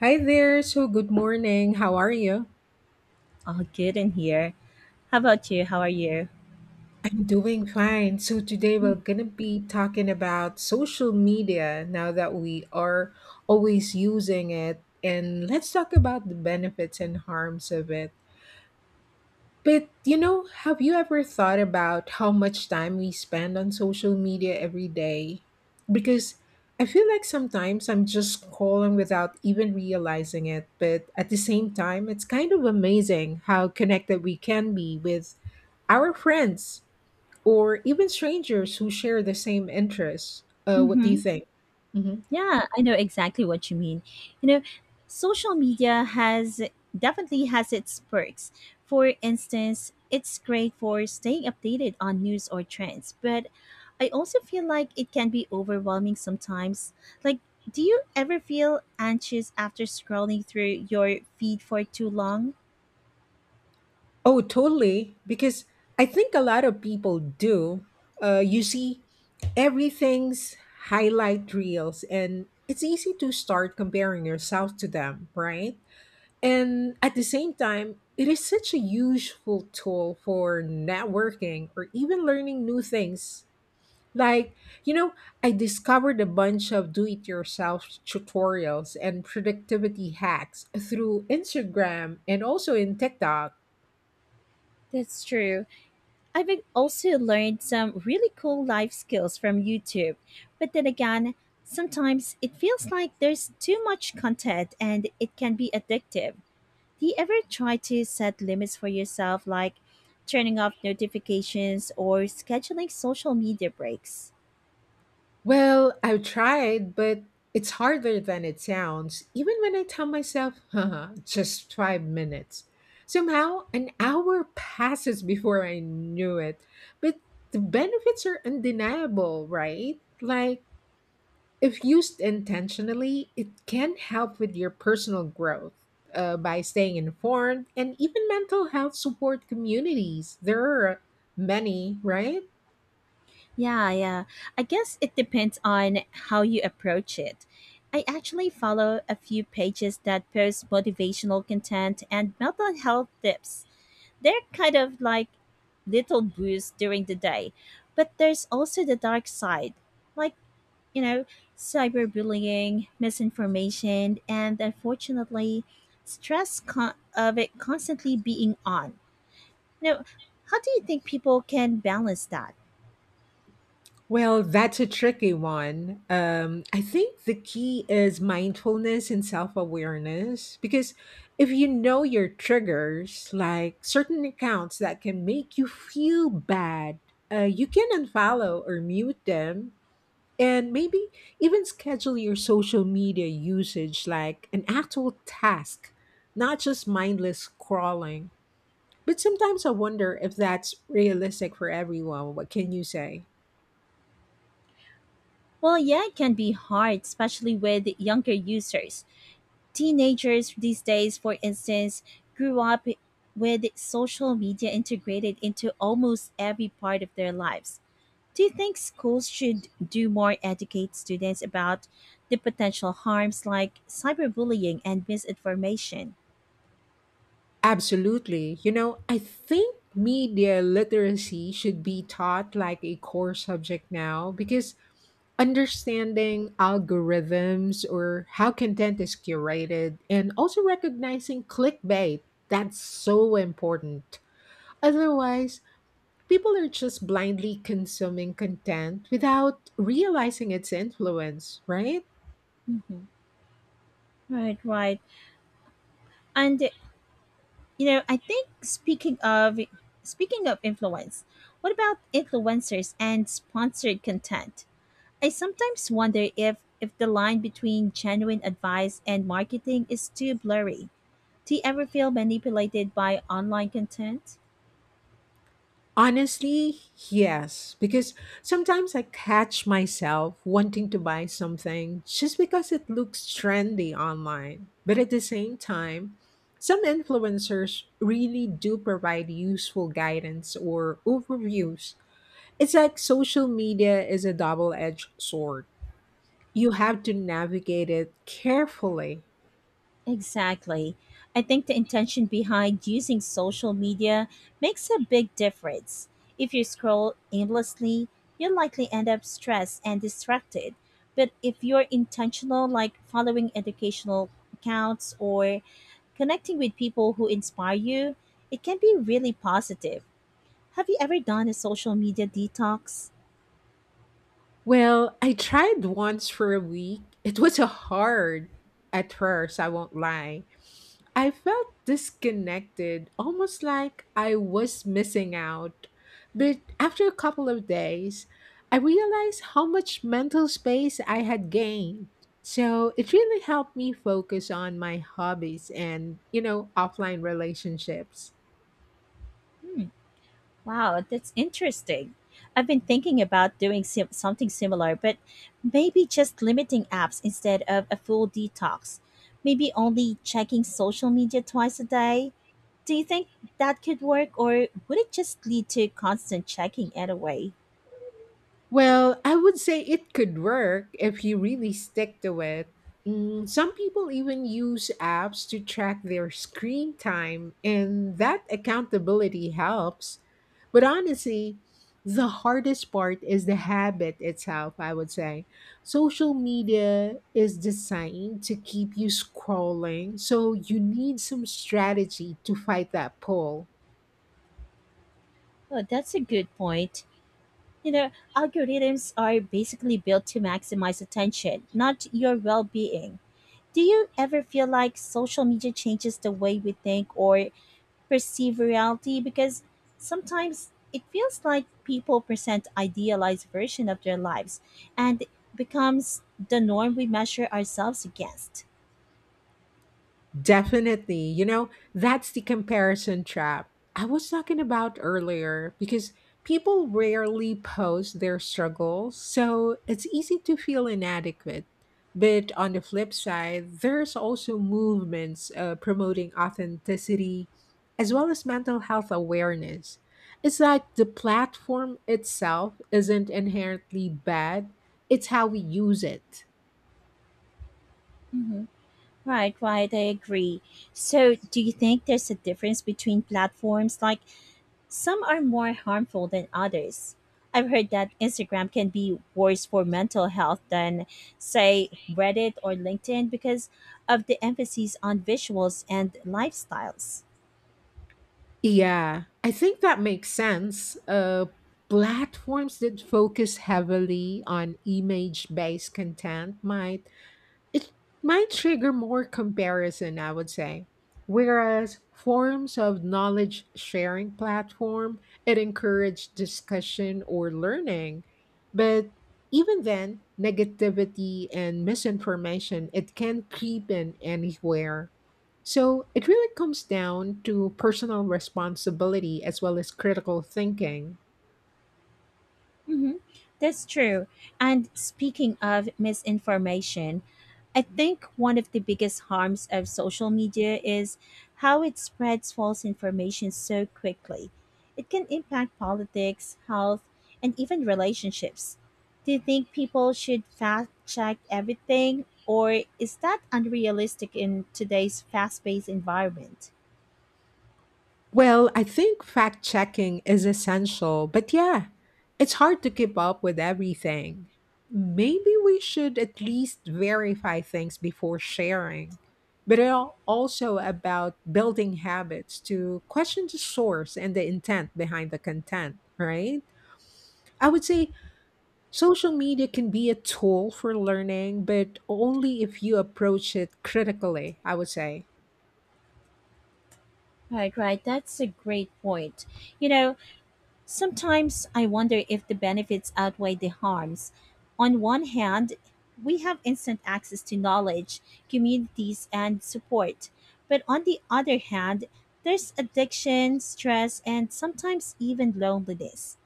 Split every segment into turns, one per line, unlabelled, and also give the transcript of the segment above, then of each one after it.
Hi there. So good morning. How are you?
All good in here. How about you? How are you?
I'm doing fine. So today we're gonna be talking about social media now that we are always using it. And let's talk about the benefits and harms of it. But you know, have you ever thought about how much time we spend on social media every day? Because I feel like sometimes I'm just scrolling without even realizing it, but at the same time, it's kind of amazing how connected we can be with our friends, or even strangers who share the same interests. What do you
hmm
think? Hmm.
Yeah, I know exactly what you mean. You know, social media has definitely has its perks. For instance, it's great for staying updated on news or trends, but I also feel like it can be overwhelming sometimes. Like, do you ever feel anxious after scrolling through your feed for too long?
Oh, totally. Because I think a lot of people do. You see, everything's highlight reels, and it's easy to start comparing yourself to them, right? And at the same time, it is such a useful tool for networking or even learning new things, like, you know, I discovered a bunch of do it yourself tutorials and productivity hacks through Instagram and also in TikTok.
That's true. I've also learned some really cool life skills from YouTube, but then again, sometimes it feels like there's too much content and it can be addictive. Do you ever try to set limits for yourself, like turning off notifications or scheduling social media breaks?
Well, I've tried, but it's harder than it sounds, even when I tell myself, "Haha," just 5 minutes. Somehow, an hour passes before I knew it. But the benefits are undeniable, right? Like, if used intentionally, it can help with your personal growth by staying informed and even mental health support communities. There are many, right?
Yeah, yeah. I guess it depends on how you approach it. I actually follow a few pages that post motivational content and mental health tips. They're kind of like little boosts during the day. But there's also the dark side, like, you know, cyberbullying, misinformation, and unfortunately, stress con- of it constantly being on. You know, how do you think people can balance that?
Well, that's a tricky one. I think the key is mindfulness and self awareness because if you know your triggers, like certain accounts that can make you feel bad, you can unfollow or mute them. And maybe even schedule your social media usage like an actual task, not just mindless scrolling. But sometimes I wonder if that's realistic for everyone. What can you say?
Well, yeah, it can be hard, especially with younger users. Teenagers these days, for instance, grew up with social media integrated into almost every part of their lives. Do you think schools should do more educate students about the potential harms like cyberbullying and misinformation?
Absolutely. You know, I think media literacy should be taught like a core subject now because understanding algorithms or how content is curated and also recognizing clickbait, that's so important. Otherwise, people are just blindly consuming content without realizing its influence, right?
Mhm. Right, right. And you know, I think speaking of influence, what about influencers and sponsored content? I sometimes wonder if the line between genuine advice and marketing is too blurry. Do you ever feel manipulated by online content?
Honestly, yes, because sometimes I catch myself wanting to buy something just because it looks trendy online. But at the same time, some influencers really do provide useful guidance or overviews. It's like social media is a double edged sword. You have to navigate it carefully.
Exactly. I think the intention behind using social media makes a big difference. If you scroll aimlessly, you'll likely end up stressed and distracted. But if you're intentional, like following educational accounts or connecting with people who inspire you, it can be really positive. Have you ever done a social media detox?
Well, I tried once for a week. It was a hard at first, I won't lie. I felt disconnected, almost like I was missing out. But after a couple of days, I realized how much mental space I had gained. So it really helped me focus on my hobbies and, you know, offline relationships.
Hmm. Wow, that's interesting. I've been thinking about something similar, but maybe just limiting apps instead of a full detox. Maybe only checking social media twice a day. Do you think that could work, or would it just lead to constant checking anyway?
Well, I would say it could work if you really stick to it. Some people even use apps to track their screen time, and that accountability helps. But honestly, the hardest part is the habit itself, I would say. Social media is designed to keep you scrolling, so you need some strategy to fight that pull.
Oh, that's a good point. You know, algorithms are basically built to maximize attention, not your well being. Do you ever feel like social media changes the way we think or perceive reality because sometimes it feels like people present idealized version of their lives and it becomes the norm we measure ourselves against.
Definitely. You know, that's the comparison trap I was talking about earlier because people rarely post their struggles, so it's easy to feel inadequate. But on the flip side, there's also movements promoting authenticity as well as mental health awareness. It's like the platform itself isn't inherently bad, it's how we use it.
hmm Right, right, I agree. So, do you think there's a difference between platforms? Like, some are more harmful than others. I've heard that Instagram can be worse for mental health than, say, Reddit or LinkedIn because of the emphasis on visuals and lifestyles.
Yeah, I think that makes sense. Platforms that focus heavily on image based content might it might trigger more comparison, I would say. Whereas forms of knowledge sharing platform, it encouraged discussion or learning. But even then, negativity and misinformation, it can creep in anywhere. So it really comes down to personal responsibility as well as critical thinking.
hmm That's true. And speaking of misinformation, I think one of the biggest harms of social media is how it spreads false information so quickly. It can impact politics, health, and even relationships. Do you think people should fact check everything, or is that unrealistic in today's fast paced environment?
Well, I think fact checking is essential, but yeah, it's hard to keep up with everything. Maybe we should at least verify things before sharing, but also about building habits to question the source and the intent behind the content, right? I would say social media can be a tool for learning, but only if you approach it critically, I would say.
Right, right. That's a great point. You know, sometimes I wonder if the benefits outweigh the harms. On one hand, we have instant access to knowledge, communities, and support. But on the other hand, there's addiction, stress, and sometimes even loneliness.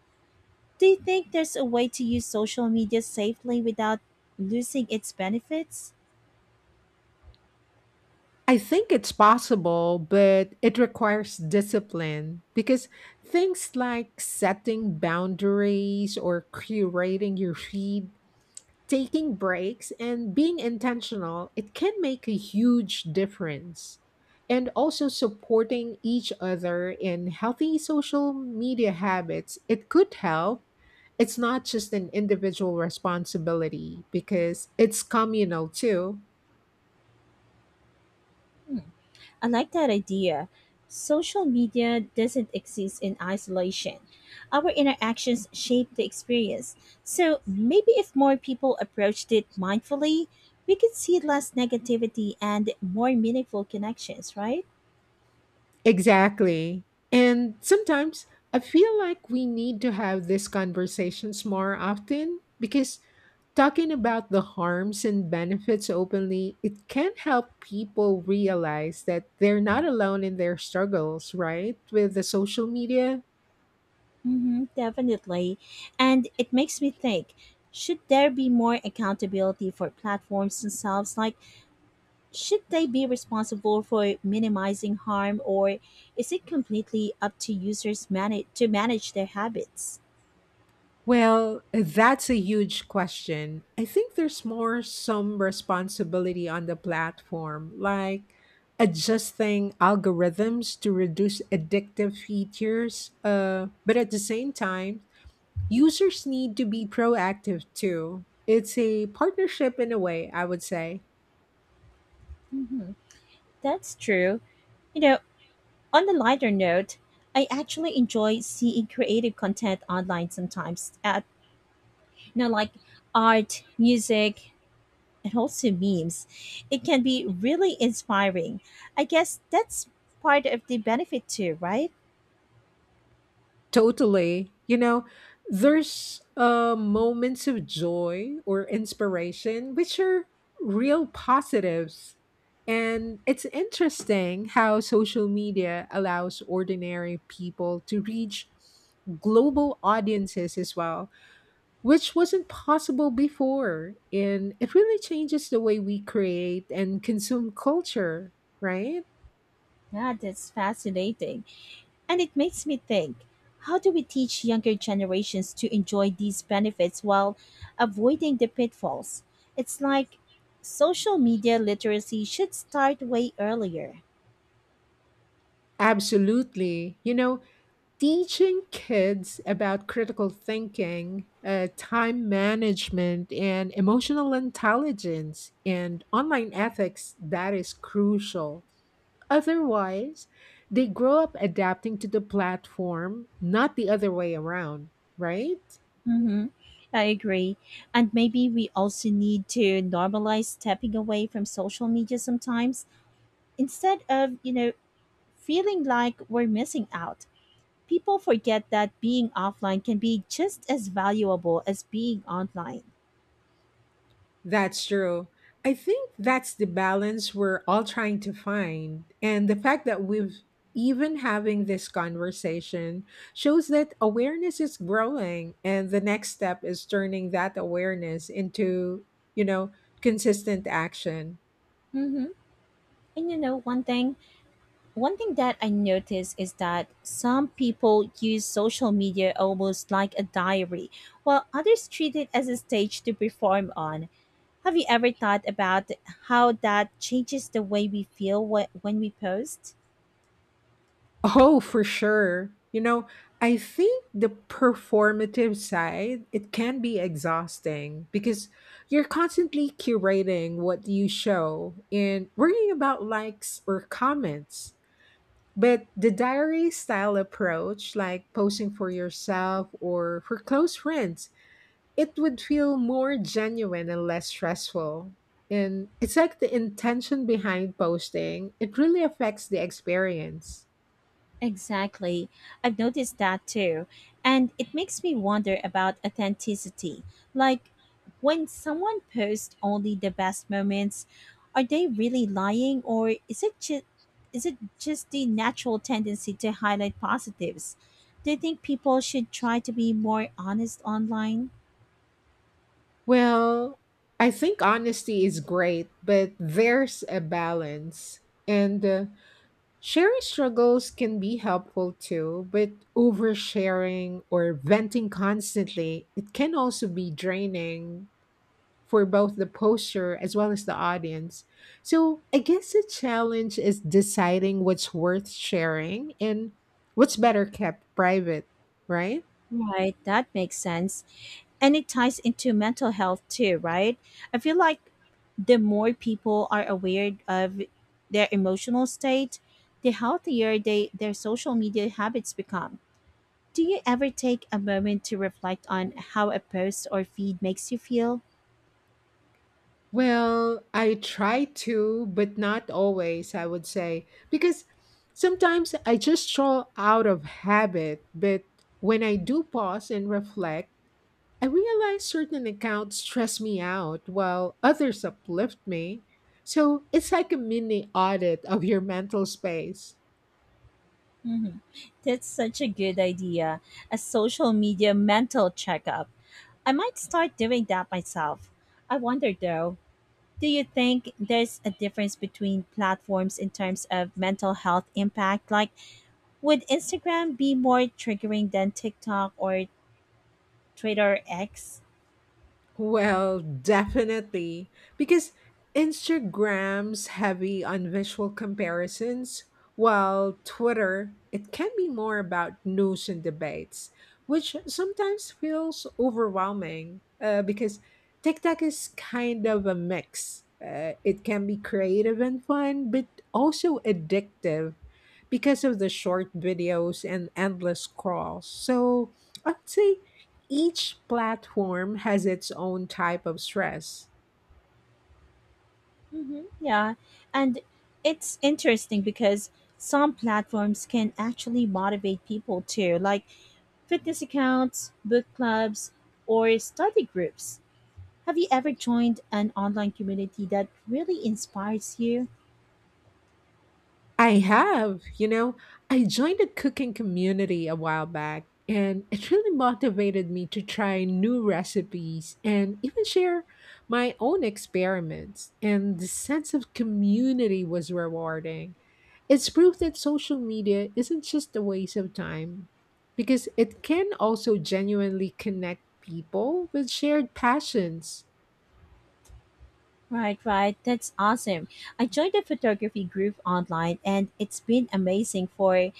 Do you think there's a way to use social media safely without losing its benefits?
I think it's possible, but it requires discipline because things like setting boundaries or curating your feed, taking breaks, and being intentional, it can make a huge difference. And also supporting each other in healthy social media habits, it could help. It's not just an individual responsibility because it's communal too.
I like that idea. Social media doesn't exist in isolation. Our interactions shape the experience. So maybe if more people approached it mindfully, we could see less negativity and more meaningful connections, right?
Exactly. And sometimes I feel like we need to have these conversations more often because talking about the harms and benefits openly, it can help people realize that they're not alone in their struggles, right? With the social media.
Mm-hmm, definitely. And it makes me think, should there be more accountability for platforms themselves? Like, should they be responsible for minimizing harm, or is it completely up to users manage their habits?
Well, that's a huge question. I think there's more some responsibility on the platform, like adjusting algorithms to reduce addictive features. But at the same time, users need to be proactive too. It's a partnership in a way, I would say.
Mhm, that's true. You know, on the lighter note, I actually enjoy seeing creative content online sometimes. At like art, music, and also memes. It can be really inspiring. I guess that's part of the benefit too, right?
Totally. You know, there's moments of joy or inspiration, which are real positives. And it's interesting how social media allows ordinary people to reach global audiences as well, which wasn't possible before. And it really changes the way we create and consume culture, right?
Yeah, that's fascinating. And it makes me think, how do we teach younger generations to enjoy these benefits while avoiding the pitfalls? It's like social media literacy should start way earlier.
Absolutely. You know, teaching kids about critical thinking, time management, and emotional intelligence and online ethics, that is crucial. Otherwise, they grow up adapting to the platform, not the other way around, right?
hmm I agree. And maybe we also need to normalize stepping away from social media sometimes instead of, feeling like we're missing out. People forget that being offline can be just as valuable as being online.
That's true. I think that's the balance we're all trying to find. And the fact that we've even having this conversation shows that awareness is growing and the next step is turning that awareness into, you know, consistent action.
Mm-hmm. And you know, one thing that I notice is that some people use social media almost like a diary, while others treat it as a stage to perform on. Have you ever thought about how that changes the way we feel when we post?
Oh, for sure. You know, I think the performative side, it can be exhausting because you're constantly curating what you show and worrying about likes or comments. But the diary style approach, like posing for yourself or for close friends, it would feel more genuine and less stressful. And it's like the intention behind posting, it really affects the experience.
Exactly. I've noticed that too. And it makes me wonder about authenticity. Like, when someone posts only the best moments, are they really lying or is it just the natural tendency to highlight positives? Do you think people should try to be more honest online?
Well, I think honesty is great, but there's a balance. And sharing struggles can be helpful too, but oversharing or venting constantly, it can also be draining for both the poster as well as the audience. So, I guess the challenge is deciding what's worth sharing and what's better kept private, right?
Right, that makes sense. And it ties into mental health too, right? I feel like the more people are aware of their emotional state, the healthier they their social media habits become. Do you ever take a moment to reflect on how a post or feed makes you feel?
Well, I try to, but not always, I would say, because sometimes I just stroll out of habit. But when I do pause and reflect, I realize certain accounts stress me out while others uplift me. So it's like a mini audit of your mental space.
Mhm. That's such a good idea. A social media mental checkup. I might start doing that myself. I wonder though, do you think there's a difference between platforms in terms of mental health impact? Like, would Instagram be more triggering than TikTok or Twitter X?
Well, definitely. Because Instagram's heavy on visual comparisons, while Twitter, it can be more about news and debates, which sometimes feels overwhelming because TikTok is kind of a mix. It can be creative and fun, but also addictive because of the short videos and endless scrolls. So I'd say each platform has its own type of stress.
Yeah. And it's interesting because some platforms can actually motivate people too, like fitness accounts, book clubs, or study groups. Have you ever joined an online community that really inspires you?
I have, you know, I joined a cooking community a while back and it really motivated me to try new recipes and even share my own experiments. And the sense of community was rewarding. It's proof that social media isn't just a waste of time because it can also genuinely connect people with shared passions.
Right, right. That's awesome. I joined a photography group online and it's been amazing for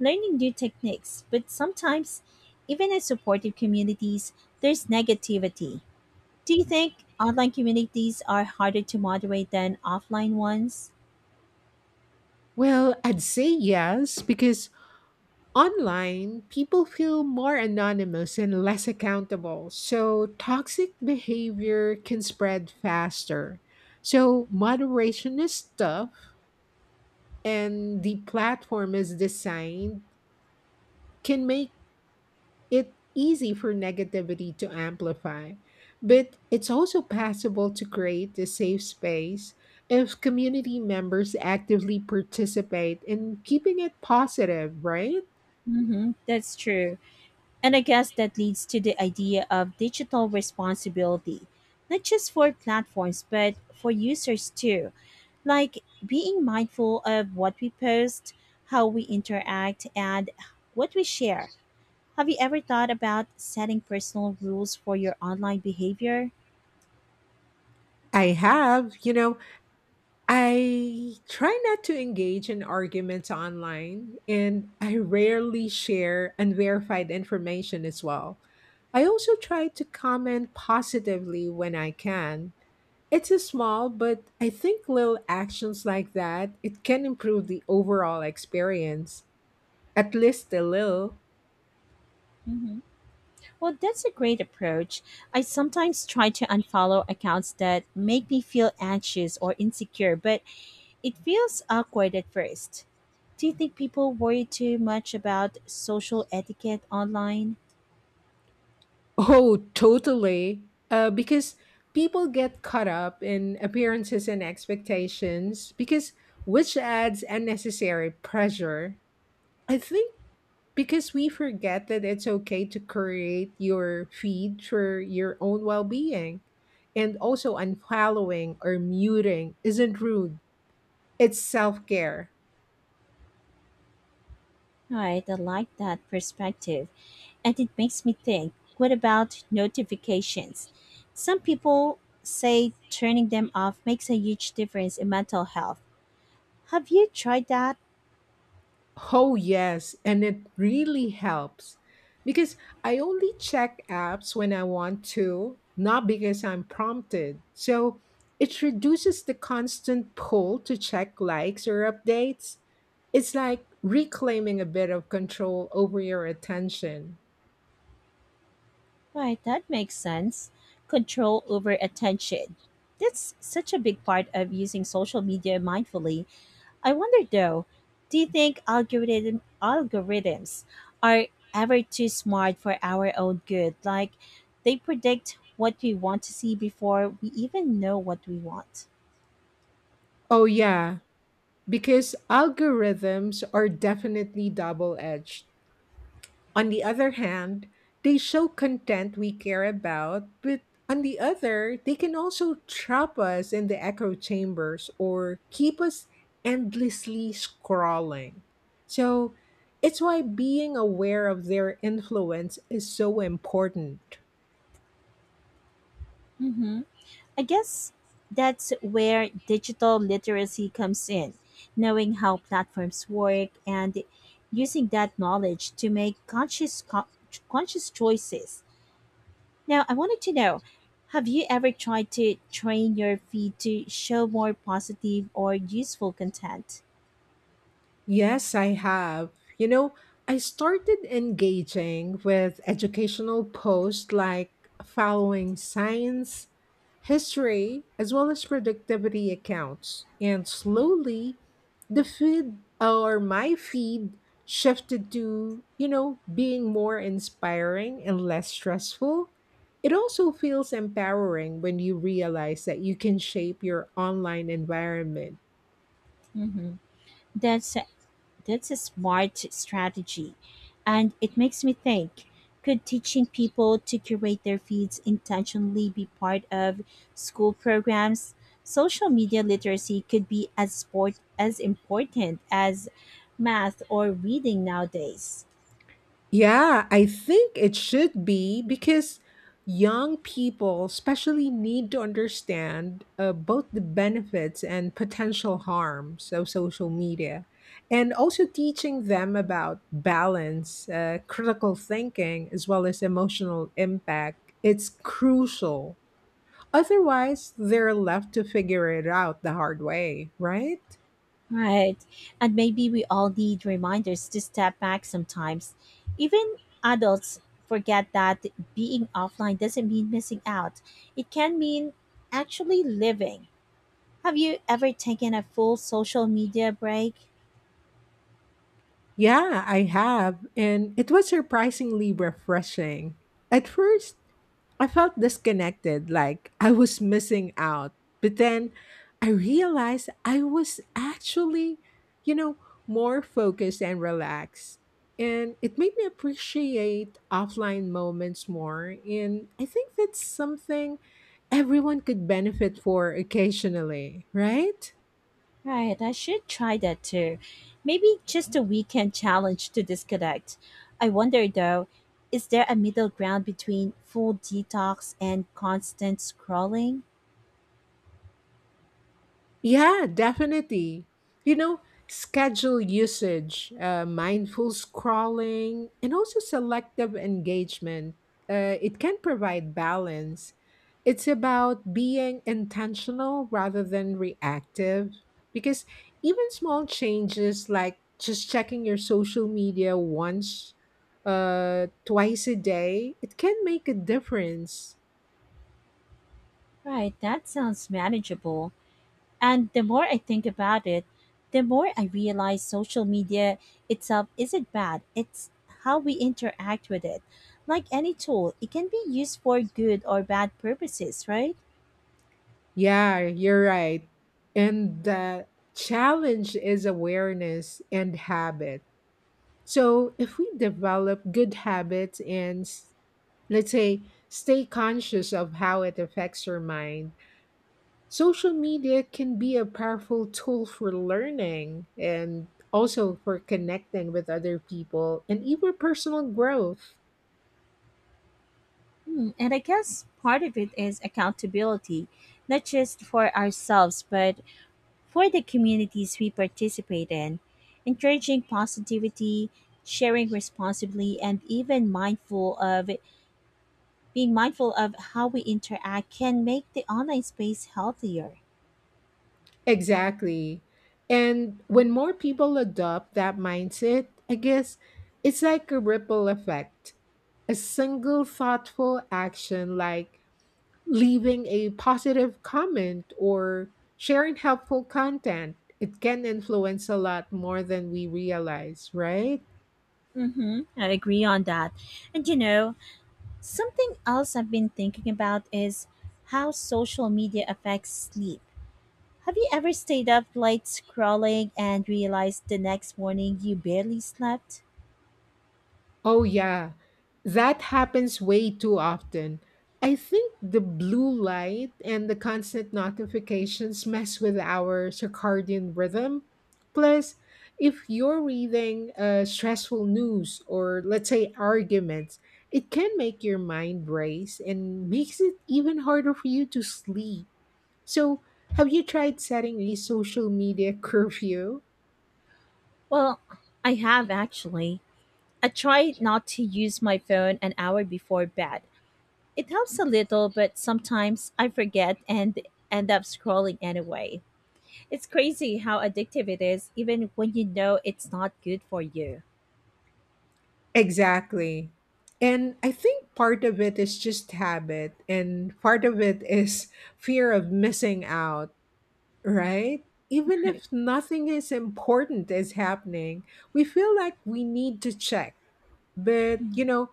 learning new techniques. But sometimes, even in supportive communities, there's negativity. Do you think online communities are harder to moderate than offline ones?
Well, I'd say yes, because online people feel more anonymous and less accountable. So toxic behavior can spread faster. So moderation is tough, and the platform is designed can make it easy for negativity to amplify. But it's also possible to create a safe space if community members actively participate in keeping it positive, right?
Mm-hmm, that's true. And I guess that leads to the idea of digital responsibility, not just for platforms, but for users too. Like being mindful of what we post, how we interact, and what we share. Have you ever thought about setting personal rules for your online behavior?
I have, you know, I try not to engage in arguments online and I rarely share unverified information as well. I also try to comment positively when I can. It's a small, but I think little actions like that, it can improve the overall experience, at least a little.
Mhm. Well, that's a great approach. I sometimes try to unfollow accounts that make me feel anxious or insecure, but it feels awkward at first. Do you think people worry too much about social etiquette online?
Oh, totally. Because people get caught up in appearances and expectations, because which adds unnecessary pressure. I think because we forget that it's okay to create your feed for your own well being. And also, unfollowing or muting isn't rude, it's self care.
All right, I like that perspective. And it makes me think, what about notifications? Some people say turning them off makes a huge difference in mental health. Have you tried that?
Oh, yes, and it really helps because I only check apps when I want to, not because I'm prompted. So it reduces the constant pull to check likes or updates. It's like reclaiming a bit of control over your attention.
Right, that makes sense. Control over attention. That's such a big part of using social media mindfully. I wonder though, do you think algorithms are ever too smart for our own good? Like they predict what we want to see before we even know what we want.
Oh, yeah, because algorithms are definitely double edged. On the other hand, they show content we care about, but on the other, they can also trap us in the echo chambers or keep us endlessly scrolling. So it's why being aware of their influence is so important.
hmm I guess that's where digital literacy comes in, knowing how platforms work and using that knowledge to make conscious choices. Now, I wanted to know, have you ever tried to train your feed to show more positive or useful content?
Yes, I have. You know, I started engaging with educational posts like following science, history, as well as productivity accounts. And slowly, the feed or my feed shifted to, you know, being more inspiring and less stressful. It also feels empowering when you realize that you can shape your online environment.
hmm That's That's a smart strategy. And it makes me think, could teaching people to curate their feeds intentionally be part of school programs? Social media literacy could be as sport as important as math or reading nowadays.
Yeah, I think it should be because young people, especially, need to understand both the benefits and potential harms of social media, and also teaching them about balance, critical thinking, as well as emotional impact. It's crucial. Otherwise, they're left to figure it out the hard way, right?
Right. And maybe we all need reminders to step back sometimes. Even adults forget that being offline doesn't mean missing out. It can mean actually living. Have you ever taken a full social media break?
Yeah, I have, and it was surprisingly refreshing. At first, I felt disconnected, like I was missing out. But then I realized I was actually, you know, more focused and relaxed. And it made me appreciate offline moments more. And I think that's something everyone could benefit for occasionally, right?
Right, I should try that too. Maybe just a weekend challenge to disconnect. I wonder though, is there a middle ground between full detox and constant scrolling?
Yeah, definitely. You know, schedule usage, mindful scrolling, and also selective engagement. It can provide balance. It's about being intentional rather than reactive. Because even small changes like just checking your social media once, twice a day, it can make a difference.
Right, that sounds manageable. And the more I think about it, the more I realize social media itself isn't bad. It's how we interact with it. Like any tool, it can be used for good or bad purposes, right?
Yeah, you're right. And the challenge is awareness and habit. So, if we develop good habits and let's say stay conscious of how it affects your mind, social media can be a powerful tool for learning and also for connecting with other people and even personal growth.
Hmm, and I guess part of it is accountability, not just for ourselves, but for the communities we participate in. Encouraging positivity, sharing responsibly, and even mindful of being mindful of how we interact can make the online space healthier.
Exactly. And when more people adopt that mindset, I guess it's like a ripple effect. A single thoughtful action like leaving a positive comment or sharing helpful content, it can influence a lot more than we realize, right?
Mm-hmm. I agree on that. And you know, something else I've been thinking about is how social media affects sleep. Have you ever stayed up late scrolling and realized the next morning you barely slept?
Oh, yeah, that happens way too often. I think the blue light and the constant notifications mess with our circadian rhythm. Plus, if you're reading stressful news or, let's say, arguments, it can make your mind race and makes it even harder for you to sleep. So, have you tried setting a social media curfew?
Well, I have actually. I try not to use my phone an hour before bed. It helps a little, but sometimes I forget and end up scrolling anyway. It's crazy how addictive it is, even when you know it's not good for you.
Exactly. And I think part of it is just habit, and part of it is fear of missing out, right? Even if nothing is important is happening, we feel like we need to check. But, you know,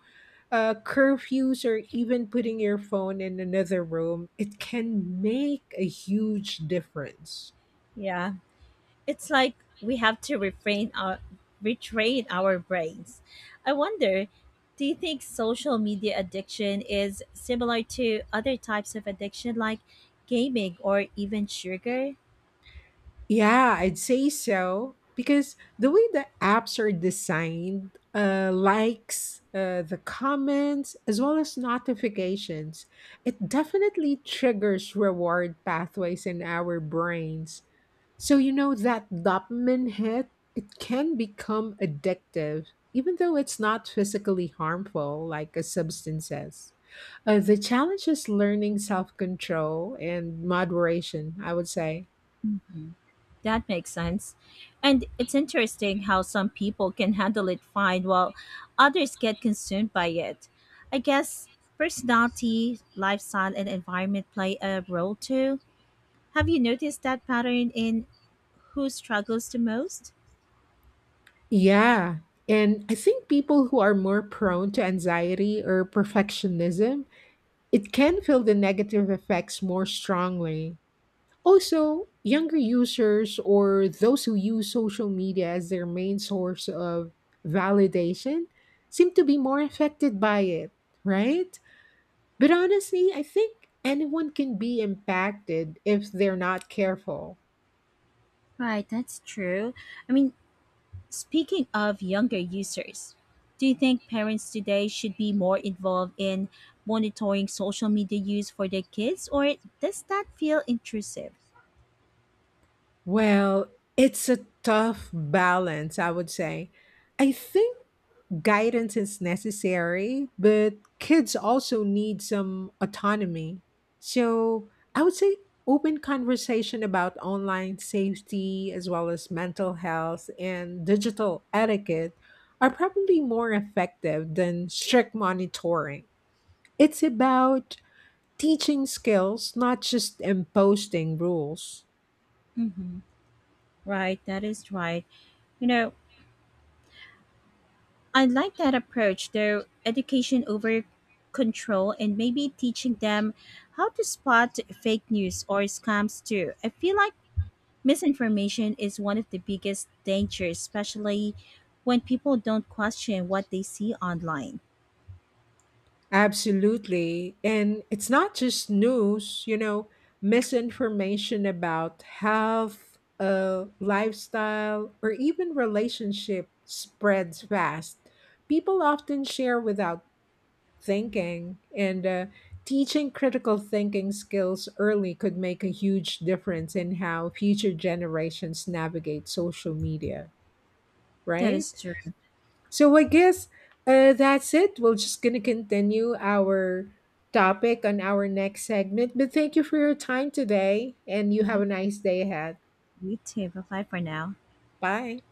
curfews or even putting your phone in another room, it can make a huge difference.
Yeah. It's like we have to refrain our retrain our brains. I wonder, do you think social media addiction is similar to other types of addiction like gaming or even sugar?
Yeah, I'd say so because the way the apps are designed, likes, the comments, as well as notifications, it definitely triggers reward pathways in our brains. So, you know, that dopamine hit, it can become addictive, even though it's not physically harmful like a substance is. The challenge is learning self control and moderation, I would say.
Mhm. That makes sense. And it's interesting how some people can handle it fine while others get consumed by it. I guess personality, lifestyle, and environment play a role too. Have you noticed that pattern in who struggles the most?
Yeah. And I think people who are more prone to anxiety or perfectionism, it can feel the negative effects more strongly. Also, younger users or those who use social media as their main source of validation seem to be more affected by it, right? But honestly, I think anyone can be impacted if they're not careful.
Right, that's true. I mean, speaking of younger users, do you think parents today should be more involved in monitoring social media use for their kids, or does that feel intrusive?
Well, it's a tough balance, I would say. I think guidance is necessary, but kids also need some autonomy. So I would say open conversation about online safety as well as mental health and digital etiquette are probably more effective than strict monitoring. It's about teaching skills, not just imposing rules.
Mm-hmm. Right, that is right. You know, I like that approach, though, education over control and maybe teaching them how to spot fake news or scams too. I feel like misinformation is one of the biggest dangers, especially when people don't question what they see online.
Absolutely. And it's not just news, you know, misinformation about health, lifestyle, or even relationship spreads fast. People often share without thinking, and teaching critical thinking skills early could make a huge difference in how future generations navigate social media,
That
right?
is true.
So I guess that's it. We're just going to continue our topic on our next segment. But thank you for your time today, and you have
Yep.
a nice day ahead.
You too. Bye bye for now.
Bye.